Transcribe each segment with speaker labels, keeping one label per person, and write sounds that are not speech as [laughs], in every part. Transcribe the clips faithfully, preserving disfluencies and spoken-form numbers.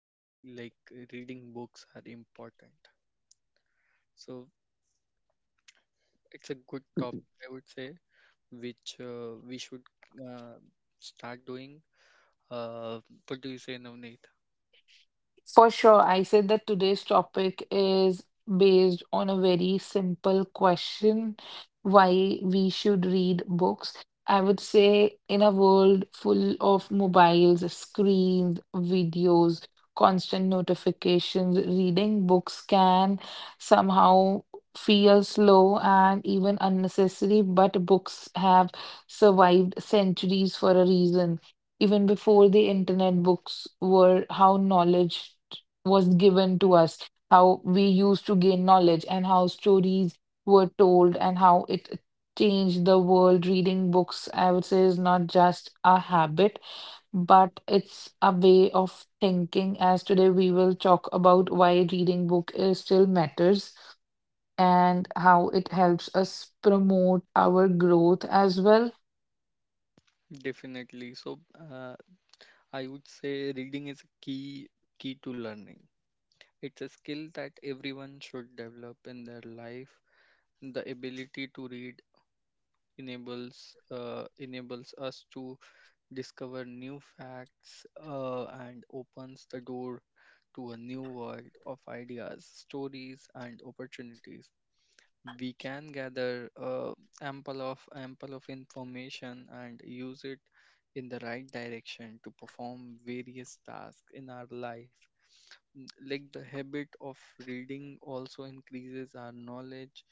Speaker 1: why like reading books are important. So it's a good topic, I would say, which uh, we should uh, start doing. Uh, what do you say, Navneet?
Speaker 2: For sure, I said that today's topic is based on a very simple question, why we should read books. I would say in a world full of mobiles, screens, videos, constant notifications, reading books can somehow feel slow and even unnecessary, but books have survived centuries for a reason. Even before the internet, books were how knowledge was given to us, how we used to gain knowledge, and how stories were told and how it changed the world. Reading books, I would say, is not just a habit, but it's a way of thinking. As today we will talk about why reading book is still matters and how it helps us promote our growth as well.
Speaker 1: Definitely. So, uh, I would say reading is a key key to learning. It's a skill that everyone should develop in their life. The ability to read enables uh, enables us to discover new facts uh, and opens the door to a new world of ideas, stories, and opportunities. We can gather uh, ample of ample of information and use it in the right direction to perform various tasks in our life. N- like, the habit of reading also increases our knowledge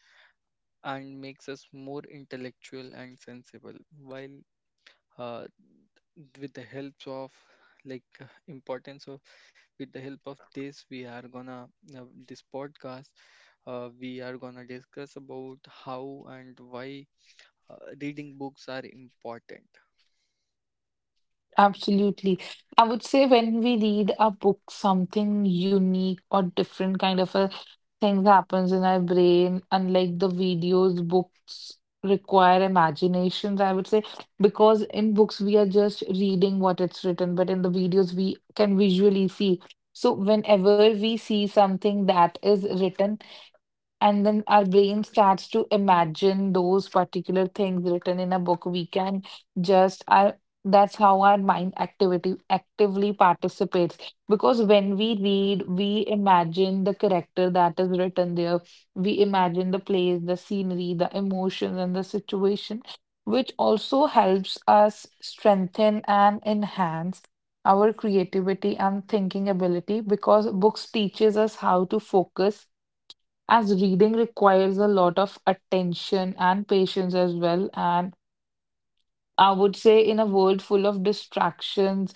Speaker 1: and makes us more intellectual and sensible while uh, with the help of like uh, importance of with the help of this, we are gonna uh, this podcast. Uh, we are gonna discuss about how and why uh, reading books are important.
Speaker 2: Absolutely. I would say when we read a book, something unique or different kind of a thing happens in our brain. Unlike the videos, books require imaginations, I would say, because in books we are just reading what it's written, but in the videos we can visually see. So whenever we see something that is written, and then our brain starts to imagine those particular things written in a book, we can just our, that's how our mind activity actively participates, because when we read we imagine the character that is written there. We imagine the place, the scenery, the emotions, and the situation, which also helps us strengthen and enhance our creativity and thinking ability, because books teaches us how to focus, as reading requires a lot of attention and patience as well. And I would say, in a world full of distractions,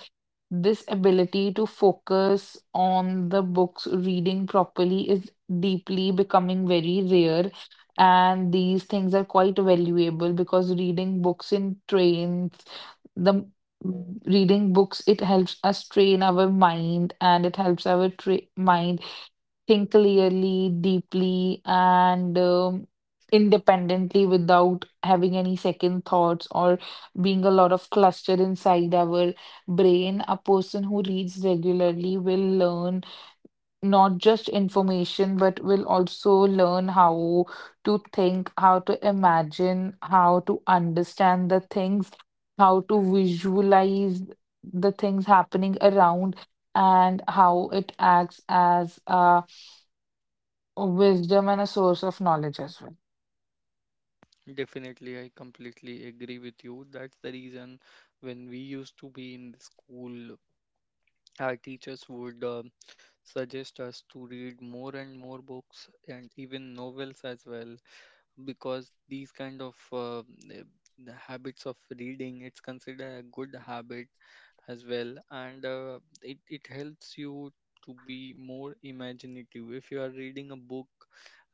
Speaker 2: this ability to focus on the books reading properly is deeply becoming very rare. And these things are quite valuable, because reading books in trains, the reading books, it helps us train our mind, and it helps our tra mind think clearly, deeply, and um, independently, without having any second thoughts or being a lot of cluster inside our brain. A person who reads regularly will learn not just information, but will also learn how to think, how to imagine, how to understand the things, how to visualize the things happening around, and how it acts as a wisdom and a source of knowledge as well.
Speaker 1: Definitely, I completely agree with you. That's the reason when we used to be in the school, our teachers would uh, suggest us to read more and more books, and even novels as well, because these kind of uh, eh, the habits of reading, it's considered a good habit as well. And uh, it, it helps you to be more imaginative. If you are reading a book,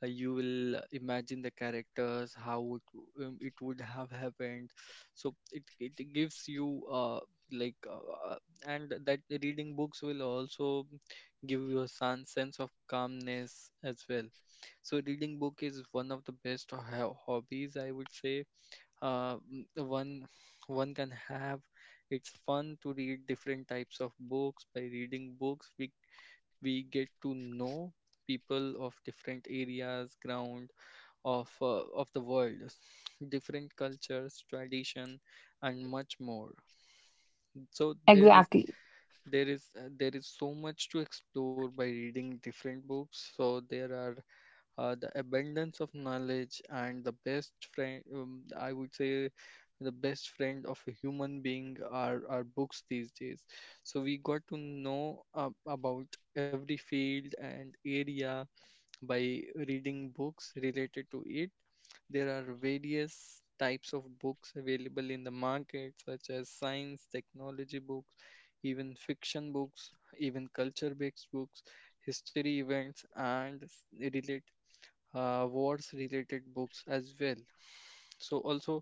Speaker 1: uh, you will imagine the characters, how it, w- um, it would have happened. So it, it gives you uh, like uh, uh, and that reading books will also give you a sen- sense of calmness as well. So reading book is one of the best ho- hobbies, I would say, Uh, m- one one can have. It's fun to read different types of books. By reading books, we we get to know people of different areas, ground of uh, of the world, [sniffs] different cultures, tradition, and much more. So there is
Speaker 2: Exactly.
Speaker 1: there is uh, there is so much to explore by reading different books. So there are uh, the abundance of knowledge, and the best friend, um, I would say, the best friend of a human being are, are books these days. So we got to know uh, about every field and area by reading books related to it. There are various types of books available in the market, such as science technology books, even fiction books, even culture based books, history events, and s- related uh, wars related books as well. So also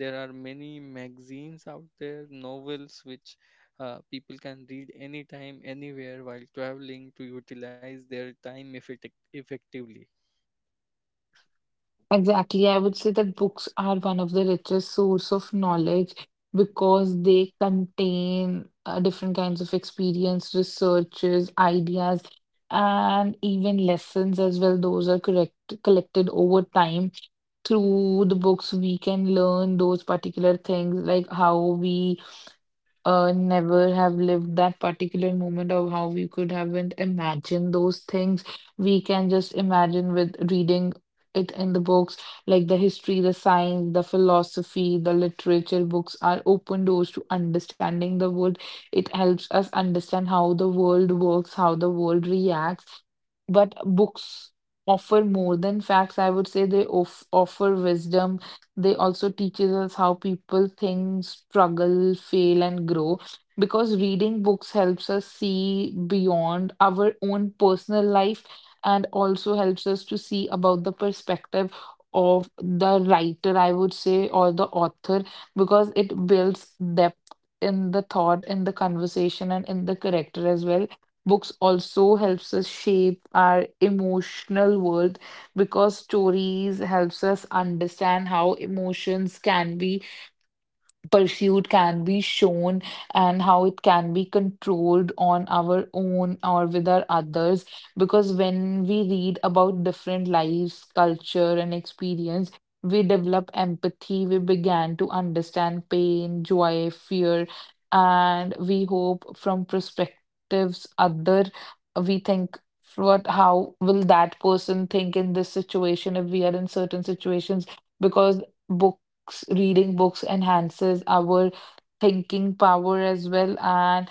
Speaker 1: there are many magazines out there, novels, which uh, people can read anytime, anywhere, while traveling, to utilize their time effecti- effectively.
Speaker 2: Exactly. I would say that books are one of the richest source of knowledge, because they contain uh, different kinds of experience, researches, ideas, and even lessons as well. Those are correct collected over time. Through the books, we can learn those particular things, like how we uh, never have lived that particular moment, of how we could haven't imagined those things. We can just imagine with reading it in the books, like the history, the science, the philosophy, the literature books are open doors to understanding the world. It helps us understand how the world works, how the world reacts. But books offer more than facts. I would say they of offer wisdom. They also teaches us how people think, struggle, fail, and grow. Because reading books helps us see beyond our own personal life, and also helps us to see about the perspective of the writer, I would say, or the author, because it builds depth in the thought, in the conversation, and in the character as well. Books also helps us shape our emotional world, because stories helps us understand how emotions can be, pursuit can be shown, and how it can be controlled on our own or with our others. Because when we read about different lives, culture, and experience, we develop empathy. We began to understand pain, joy, fear, and we hope from perspectives other. We think what, how will that person think in this situation if we are in certain situations. Because book books, reading books enhances our thinking power as well, and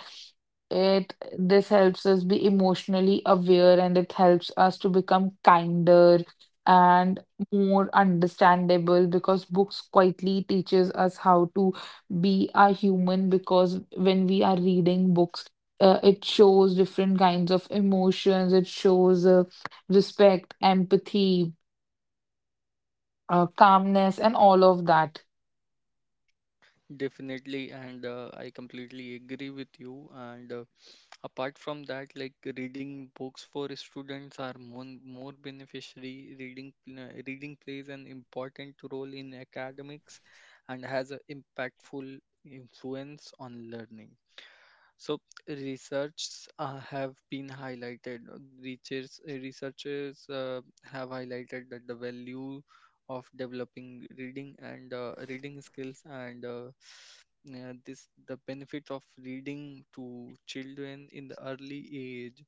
Speaker 2: it this helps us be emotionally aware, and it helps us to become kinder and more understandable, because books quietly teaches us how to be a human. Because when we are reading books, uh, it shows different kinds of emotions. It shows uh, respect, empathy, uh, calmness, and all of that.
Speaker 1: Definitely, and uh, I completely agree with you. And uh, apart from that, like, reading books for students are more, more beneficiary. Reading pl- reading plays an important role in academics and has an impactful influence on learning. So researchs uh, have been highlighted. Researchers, researchers uh, have highlighted that the value of developing reading and uh, reading skills, and uh, uh, this the benefit of reading to children in the early age.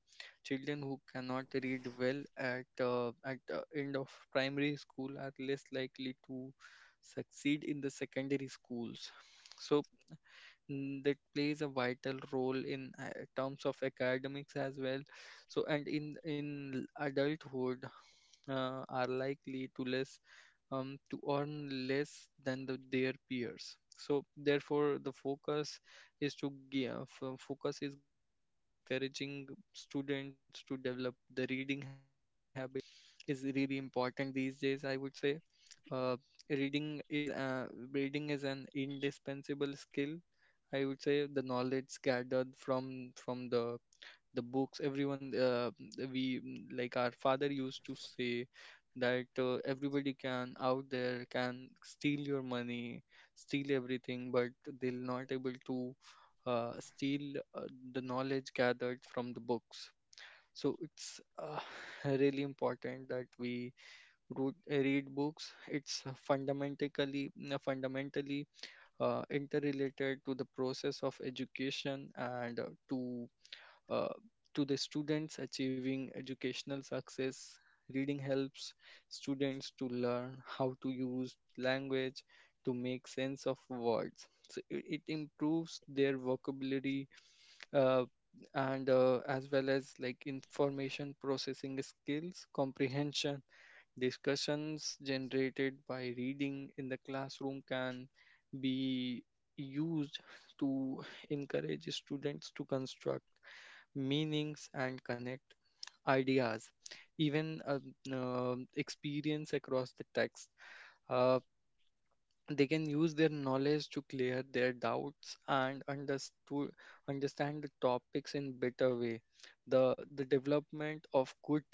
Speaker 1: Children who cannot read well at uh, at the end of primary school are less likely to succeed in the secondary schools. So mm, that plays a vital role in uh, terms of academics as well. So, and in in adulthood uh, are likely to less um, to earn less than the, their peers. So therefore, the focus is to give focus is given to encouraging students to develop the reading habits is really important these days, I would say. uh, reading is uh, Reading is an indispensable skill, I would say. The knowledge gathered from from the the books everyone uh, we mm, like our father used to say that uh, everybody can out there can steal your money, steal everything, but they'll not able to uh, steal uh, the knowledge gathered from the books. So it's uh, [laughs] really important that we root, read books. It's fundamentally fundamentally uh, interrelated to the process of education, and uh, to uh, to the students achieving educational success. Reading helps students to learn how to use language to make sense of words. So it, it improves their vocabulary uh, and uh, as well as like information processing skills, comprehension. Discussions generated by reading in the classroom can be used to encourage students to construct meanings and connect ideas, even um, um, experience across the text. Uh, they can use their knowledge to clear their doubts and understu- understand the topics in better way. The the development of good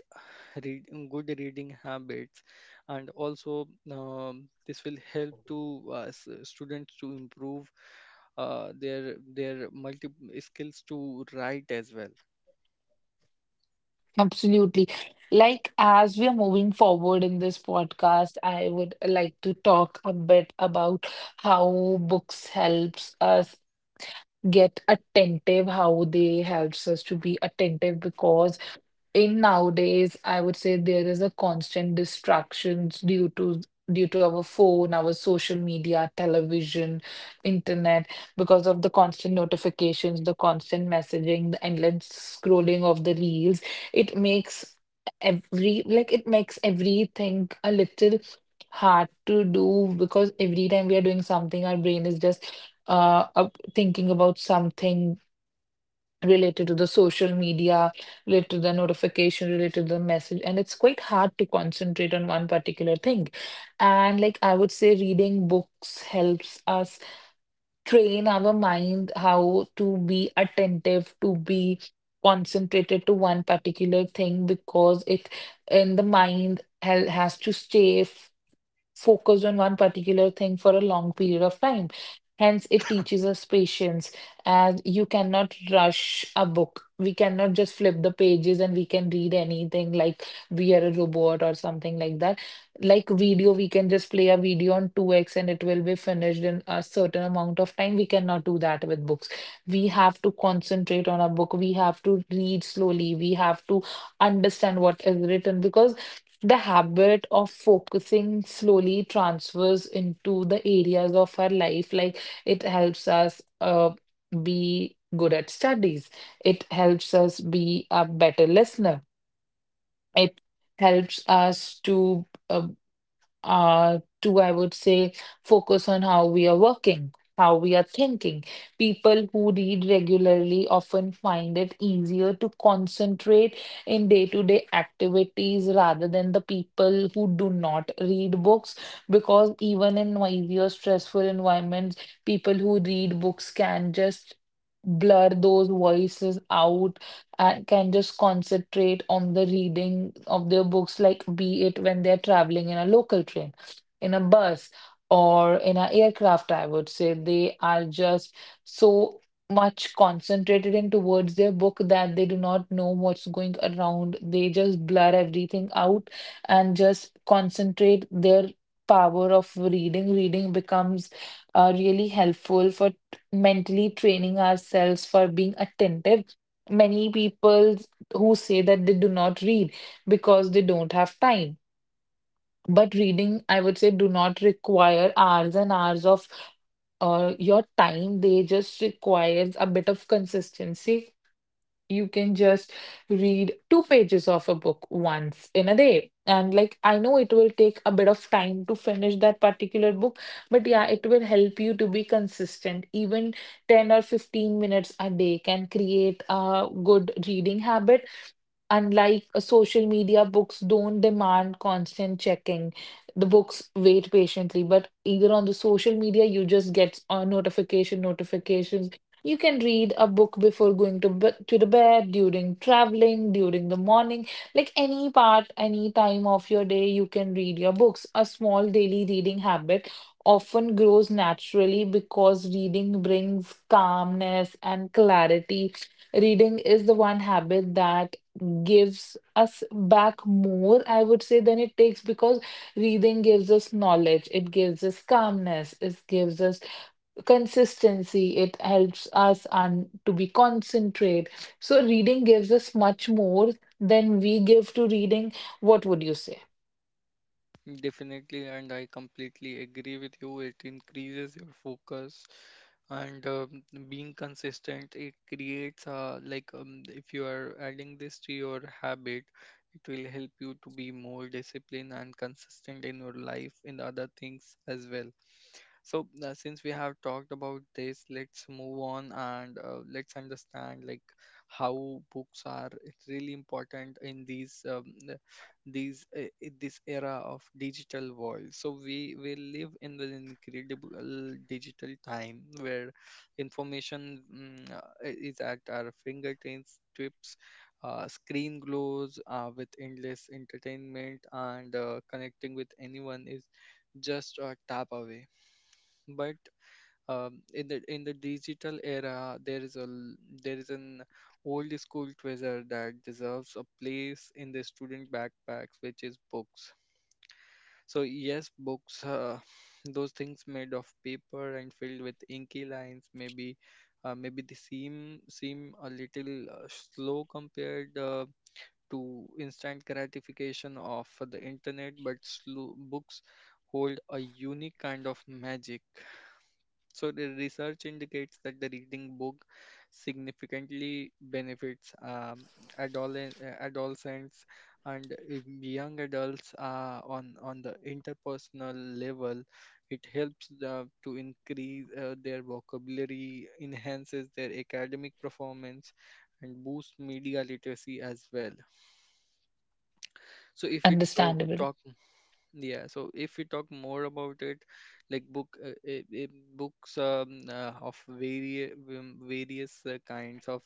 Speaker 1: read, good reading habits, and also um, this will help to uh, s- students to improve uh, their their multi skills to write as well.
Speaker 2: Absolutely. Like, as we are moving forward in this podcast, I would like to talk a bit about how books helps us get attentive, how they helps us to be attentive, because in nowadays, I would say there is a constant distractions due to due to our phone, our social media, television, internet, because of the constant notifications, the constant messaging, the endless scrolling of the reels. It makes every, like, it makes everything a little hard to do, because every time we are doing something, our brain is just uh up- thinking about something related to the social media, related to the notification, related to the message. And it's quite hard to concentrate on one particular thing. And like I would say, reading books helps us train our mind how to be attentive, to be concentrated to one particular thing, because it in the mind hel- has to stay focused on one particular thing for a long period of time. Hence, it teaches us patience, as you cannot rush a book. We cannot just flip the pages and we can read anything like we are a robot or something like that. Like video, we can just play a video on two x and it will be finished in a certain amount of time. We cannot do that with books. We have to concentrate on a book. We have to read slowly. We have to understand what is written, because the habit of focusing slowly transfers into the areas of our life. Like, it helps us uh, be good at studies, it helps us be a better listener, it helps us to. uh, uh, to, I would say, focus on how we are working, how we are thinking. People who read regularly often find it easier to concentrate in day to day activities rather than the people who do not read books, because even in noisy or stressful environments, people who read books can just blur those voices out, uh, can just concentrate on the reading of their books, like be it when they're traveling in a local train, in a bus, or in an aircraft. I would say they are just so much concentrated in towards their book that they do not know what's going around. They just blur everything out and just concentrate their power of reading. Reading becomes uh, really helpful for mentally training ourselves for being attentive. Many people who say that they do not read because they don't have time. But reading, I would say, do not require hours and hours of uh, your time. They just requires a bit of consistency. You can just read two pages of a book once in a day. And like I know it will take a bit of time to finish that particular book, but yeah, it will help you to be consistent. Even ten or fifteen minutes a day can create a good reading habit. Unlike uh, social media, books don't demand constant checking. The books wait patiently, but either on the social media, you just get a notification, notifications. You can read a book before going to be to the bed, during traveling, during the morning, like any part, any time of your day, you can read your books. A small daily reading habit often grows naturally, because reading brings calmness and clarity. Reading is the one habit that gives us back more, I would say, than it takes, because reading gives us knowledge, it gives us calmness, it gives us consistency, it helps us un- to be concentrate. So reading gives us much more than we give to reading. What would you say?
Speaker 1: Definitely, and I completely agree with you. It increases your focus and, um, being consistent. It creates a like, um, if you are adding this to your habit, it will help you to be more disciplined and consistent in your life in other things as well. So uh, since we have talked about this, let's move on and uh, let's understand, like, how books are really important in these um, these uh, i- this era of digital world. So we we live in an incredible digital time where information mm, uh, i- is at our fingertips, tips, uh, screen glows uh, with endless entertainment, and uh, connecting with anyone is just a tap away. But um, in the in the digital era, there is a l- there is an old school treasure that deserves a place in the student backpacks, which is books. So yes, books, uh, those things made of paper and filled with inky lines, maybe uh, maybe they seem seem a little uh, slow compared uh, to instant gratification of the internet, but slow books hold a unique kind of magic. So the research indicates that the reading book significantly benefits um, adolescent, uh, adolescents and if young adults uh, on on the interpersonal level. It helps the, to increase uh, their vocabulary, enhances their academic performance, and boosts media literacy as well. So if we to-
Speaker 2: Understandable.
Speaker 1: talk Yeah, so if we talk more about it, like, book uh, uh, uh, books, um, uh, of various various uh, kinds of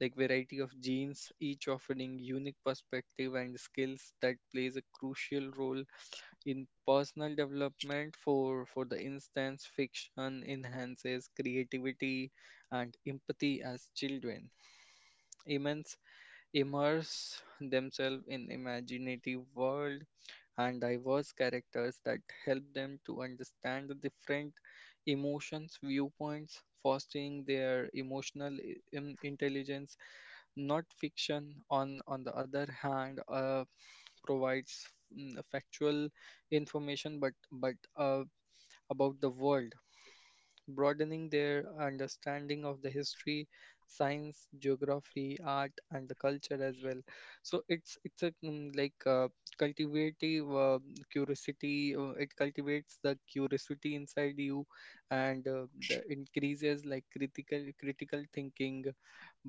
Speaker 1: like variety of genes, each offering unique perspective and skills that plays a crucial role in personal development. For for the instance, fiction enhances creativity and empathy as children. Immense Immerse themselves in imaginative world and diverse characters that help them to understand the different emotions, viewpoints, fostering their emotional i- in- intelligence. Not fiction, on, on the other hand, uh, provides mm, factual information, but but uh, about the world, broadening their understanding of the history, science, geography, art, and the culture as well. So it's it's a mm, like uh, cultivative uh, curiosity. Uh, it cultivates the curiosity inside you, and uh, the increases like critical critical thinking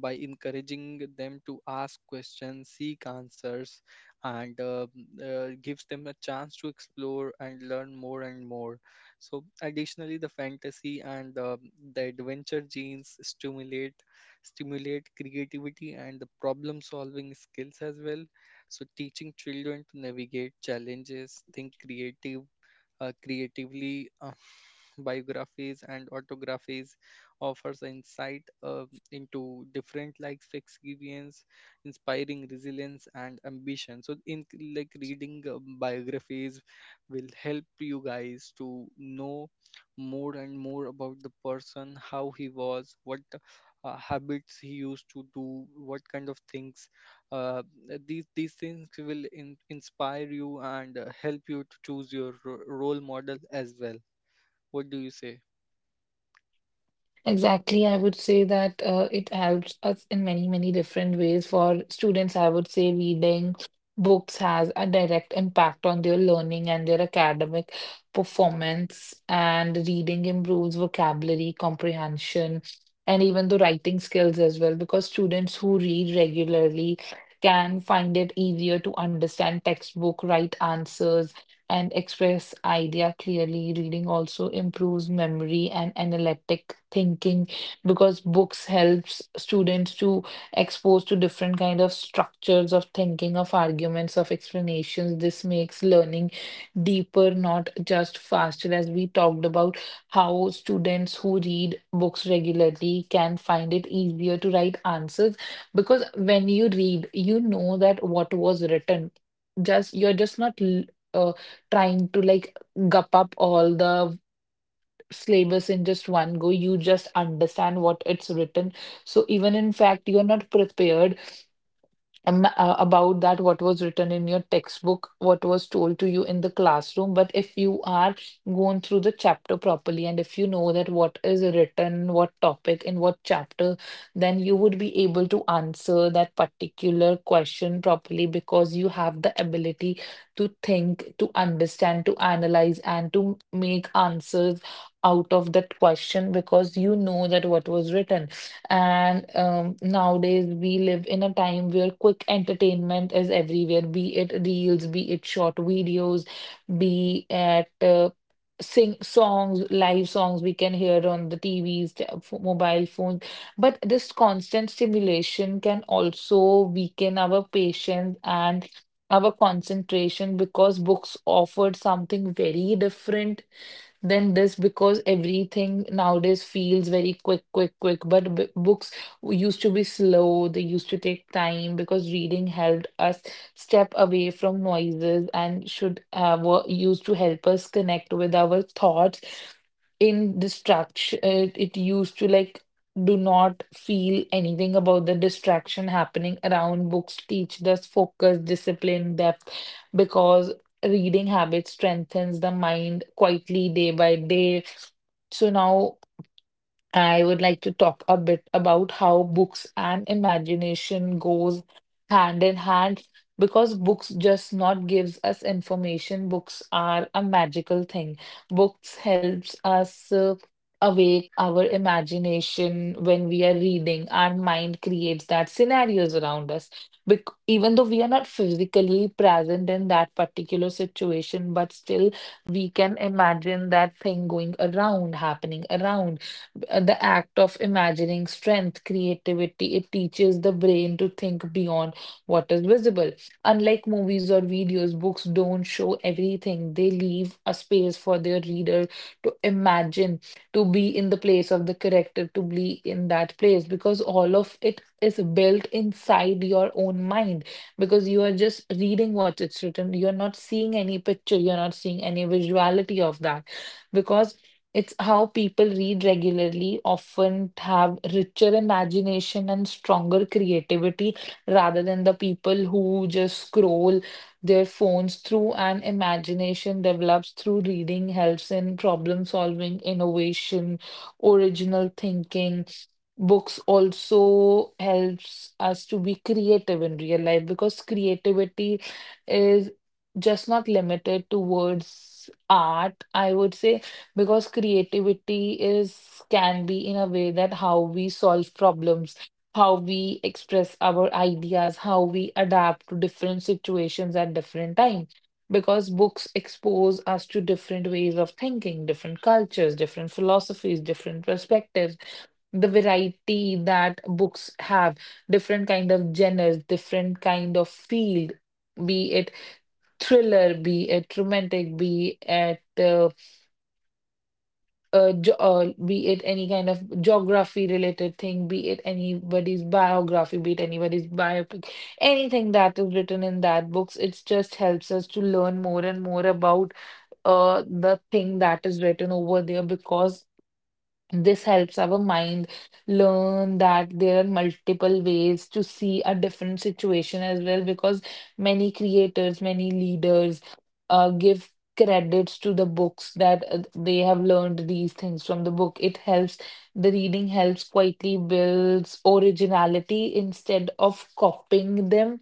Speaker 1: by encouraging them to ask questions, seek answers, and uh, uh, gives them a chance to explore and learn more and more. So, additionally, the fantasy and the, the adventure genes stimulate stimulate creativity and the problem solving skills as well. So, teaching children to navigate challenges, think creative uh, creatively, uh, [laughs] biographies and autographies offers insight uh, into different life experience, inspiring resilience and ambition. So, in like reading uh, biographies will help you guys to know more and more about the person, how he was, what uh, habits he used to do, what kind of things uh, these these things will in, inspire you, and uh, help you to choose your ro- role model as well. What do you say?
Speaker 2: Exactly, I would say that uh, it helps us in many, many different ways. For students, I would say reading books has a direct impact on their learning and their academic performance, and reading improves vocabulary comprehension and even the writing skills as well, because students who read regularly can find it easier to understand textbook, write answers, and express idea clearly. Reading also improves memory and analytic thinking, because books helps students to expose to different kind of structures of thinking, of arguments, of explanations. This makes learning deeper, not just faster. As we talked about how students who read books regularly can find it easier to write answers, because when you read, you know that what was written. Just you're just not l- uh, trying to like gup up all the syllabus in just one go. You just understand what it's written. So even in fact, you're not prepared am- uh, about that what was written in your textbook, what was told to you in the classroom. But if you are going through the chapter properly and if you know that what is written, what topic in what chapter, then you would be able to answer that particular question properly because you have the ability to think, to understand, to analyze, and to make answers out of that question because you know that what was written. And um, Nowadays, we live in a time where quick entertainment is everywhere, be it reels, be it short videos, be it uh, sing songs, live songs we can hear on the T Vs, t- f- mobile phones. But this constant stimulation can also weaken our patience and our concentration because books offered something very different than this, because everything nowadays feels very quick, quick, quick. But b books used to be slow, they used to take time because reading helped us step away from noises and should uh, were used to help us connect with our thoughts in distraction. It, it used to like do not feel anything about the distraction happening around. Books teach us focus, discipline, depth, because reading habit strengthens the mind quietly day by day. So now I would like to talk a bit about how books and imagination goes hand in hand, because books just not gives us information. Books are a magical thing. Books helps us uh, awake our imagination. When we are reading, our mind creates that scenarios around us. Bec Even though we are not physically present in that particular situation, but still we can imagine that thing going around, happening around. Uh, the act of imagining strength, creativity. It teaches the brain to think beyond what is visible. Unlike movies or videos, books don't show everything. They leave a space for their reader to imagine, to be in the place of the character, to be in that place, because all of it is built inside your own mind. Because you are just reading what it's written, you're not seeing any picture, you're not seeing any visuality of that because. It's how people read regularly, often have richer imagination and stronger creativity rather than the people who just scroll their phones through. And imagination develops through reading, helps in problem solving, innovation, original thinking. Books also helps us to be creative in real life because creativity is just not limited towards art, I would say, because creativity is can be in a way that how we solve problems, how we express our ideas, how we adapt to different situations at different time, because books expose us to different ways of thinking, different cultures, different philosophies, different perspectives. The variety that books have, different kind of genres, different kind of field, be it thriller, be it romantic, be it uh, uh, ge- uh, be it any kind of geography related thing, be it anybody's biography, be it anybody's biopic, anything that is written in that books, it just helps us to learn more and more about uh, the thing that is written over there, because this helps our mind learn that there are multiple ways to see a different situation as well. Because many creators, many leaders uh, give credits to the books that uh, they have learned these things from the book. It helps, the reading helps quietly builds originality instead of copying them,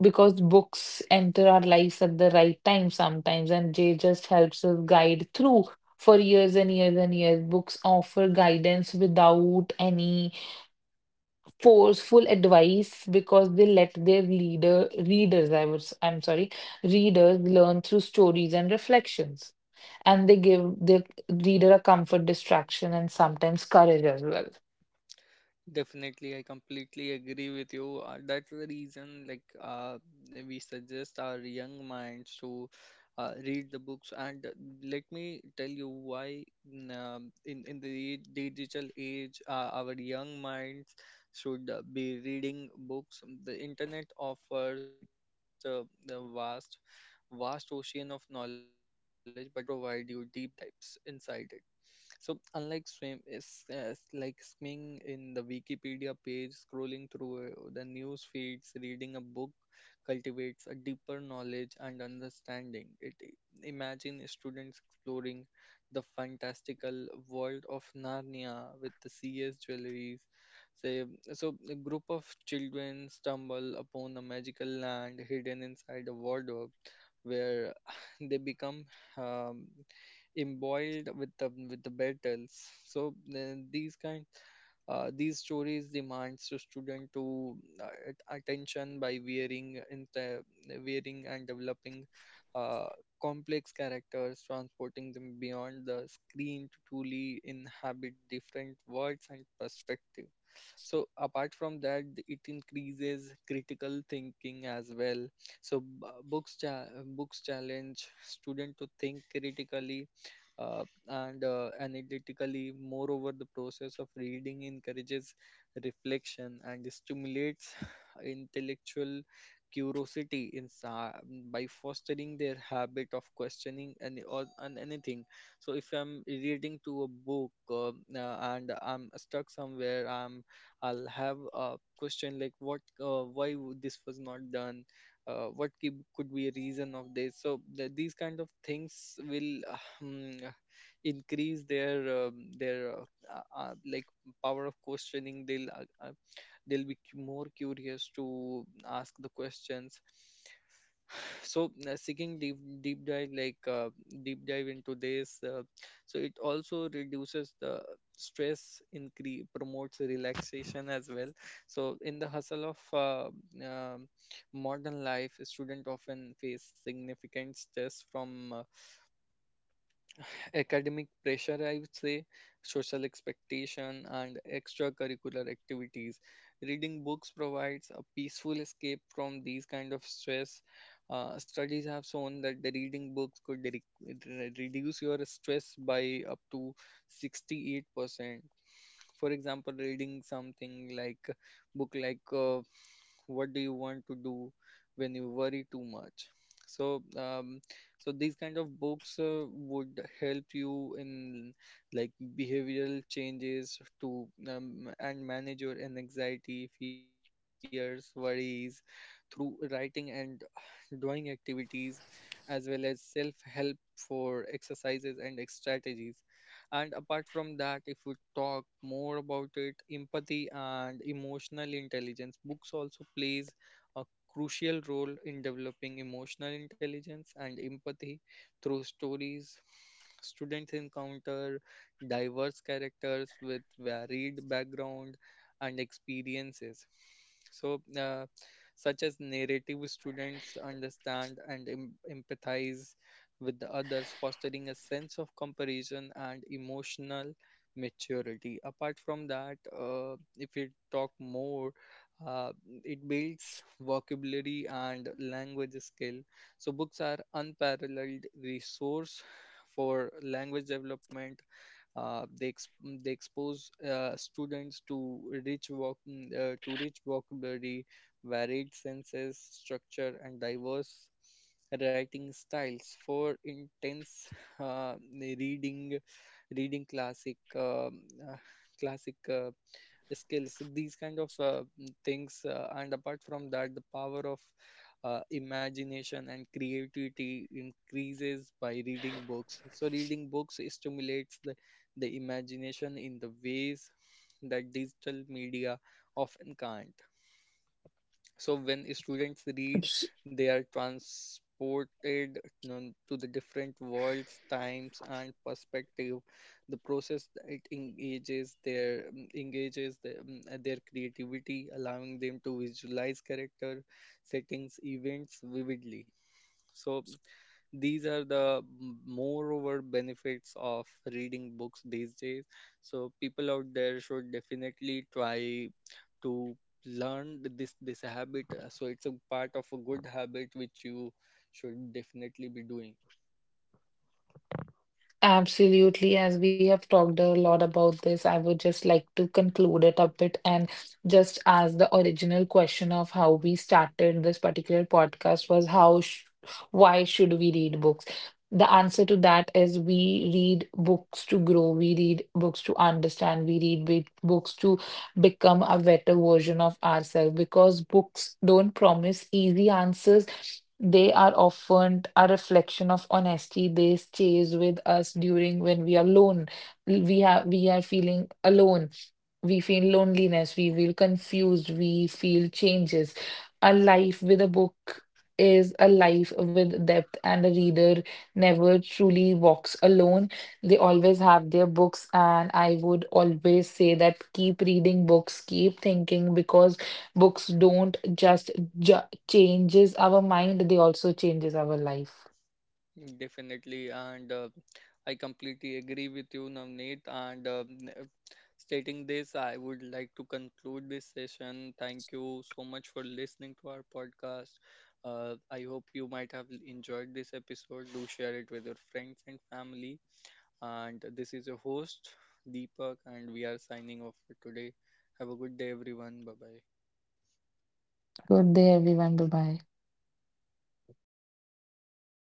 Speaker 2: because books enter our lives at the right time sometimes, and they just helps us guide through for years and years and years. Books offer guidance without any forceful advice because they let their leader readers, I was, I'm sorry, readers learn through stories and reflections. And they give the reader a comfort, distraction, and sometimes courage as well.
Speaker 1: Definitely, I completely agree with you. Uh, that's the reason, like, uh, we suggest our young minds to uh, read the books. And uh, let me tell you why. Mm, um, in in the digital age, uh, our young minds should uh, be reading books. The internet offers a vast, uh, a vast, vast ocean of knowledge, but the books provide you deep dives inside it. So, unlike swim is uh, s- like swimming in the Wikipedia page, scrolling through uh, the news feeds, reading a book cultivates a deeper knowledge and understanding. It i- imagine students exploring the fantastical world of Narnia with the C S jewelries. Say, so a group of children stumble upon a magical land hidden inside a wardrobe where [sighs] they become um, embroiled with the with the battles. So then these kind uh, these stories demands to student to uh, at- attention by wearing in the wearing and developing uh, complex characters, transporting them beyond the screen to truly inhabit different worlds and perspectives. So apart from that, it increases critical thinking as well. So b- books cha- books challenge student to think critically uh, and uh, analytically. Moreover, the process of reading encourages reflection and stimulates [sighs] intellectual curiosity in sa- by fostering their habit of questioning any or on anything. So if I'm reading to a book, um, uh, and I'm stuck somewhere i'm I'll have a question like what, uh, why w- this was not done, uh, what ki- could be a reason of this. So th- these kind of things will, uh, hmm, uh, increase their um, their uh, uh, uh, like power of questioning. They'll, uh, uh, they'll be cu- more curious to ask the questions. So uh, seeking deep deep dive like uh, deep dive into this. Uh, so it also reduces the stress, increase, promotes relaxation as well. So in the hustle of, uh, um modern life, students often face significant stress from, uh, academic pressure, I would say, social expectation, and extracurricular activities. Reading books provides a peaceful escape from these kind of stress. Uh, studies have shown that the reading books could re- re- reduce your stress by up to sixty-eight percent, for example, reading something like book like, uh, what do you want to do when you worry too much. so um, so these kind of books, uh, would help you in, like, behavioral changes to, um, and manage your anxiety, fears, worries through writing and [sighs] drawing activities as well as self help for exercises and ex- strategies. And apart from that, if we talk more about it, empathy and emotional intelligence, books also plays a crucial role in developing emotional intelligence and empathy through stories. Students encounter diverse characters with varied background and experiences. So, uh, such as narrative, students understand and em- empathize with the others, fostering a sense of comparison and emotional maturity. Apart from that, uh, if we talk more, uh, it builds vocabulary and language skill. So books are unparalleled resource for language development. uh, they ex- they expose, uh, students to rich voc- uh, to rich vocabulary, varied senses, structure, and diverse writing styles. For intense, uh, reading, reading classic um, uh, classic. Uh, skills, these kind of, uh, mm, things, uh, and apart from that, the power of, uh, imagination and creativity increases by reading books. So reading books stimulates the, the imagination in the ways that digital media often can't. So when students read, they are transported non- to the different worlds, times, and perspective. The process that it engages their, um, engages their, um, uh, their creativity, allowing them to visualize character, settings, events vividly. So these are the m- moreover benefits of reading books these days. So people out there should definitely try to learn th- this this habit, uh, so it's a part of a good habit which you should definitely be doing.
Speaker 2: Absolutely. As we have talked a lot about this, I would just like to conclude it a bit and just ask the original question of how we started this particular podcast was how sh why should we read books? The answer to that is we read books to grow, we read books to understand, we read be- books to become a better version of ourselves, because books don't promise easy answers. They are often a reflection of honesty. They stays with us during when we are alone. We have we are feeling alone. We feel loneliness. We feel confused. We feel changes. A life with a book is a life with depth, and a reader never truly walks alone. They always have their books, and I would always say that keep reading books, keep thinking, because books don't just judge, changes our mind, they also changes our life.
Speaker 1: Definitely, and, uh, I completely agree with you, Navneet. And, uh, n- stating this, I would like to conclude this session. Thank you so much for listening to our podcast. Uh, I hope you might have enjoyed this episode. Do share it with your friends and family. And this is your host, Deepak, and we are signing off for today. Have a good day, everyone. Bye bye.
Speaker 2: Good day, everyone. Bye bye.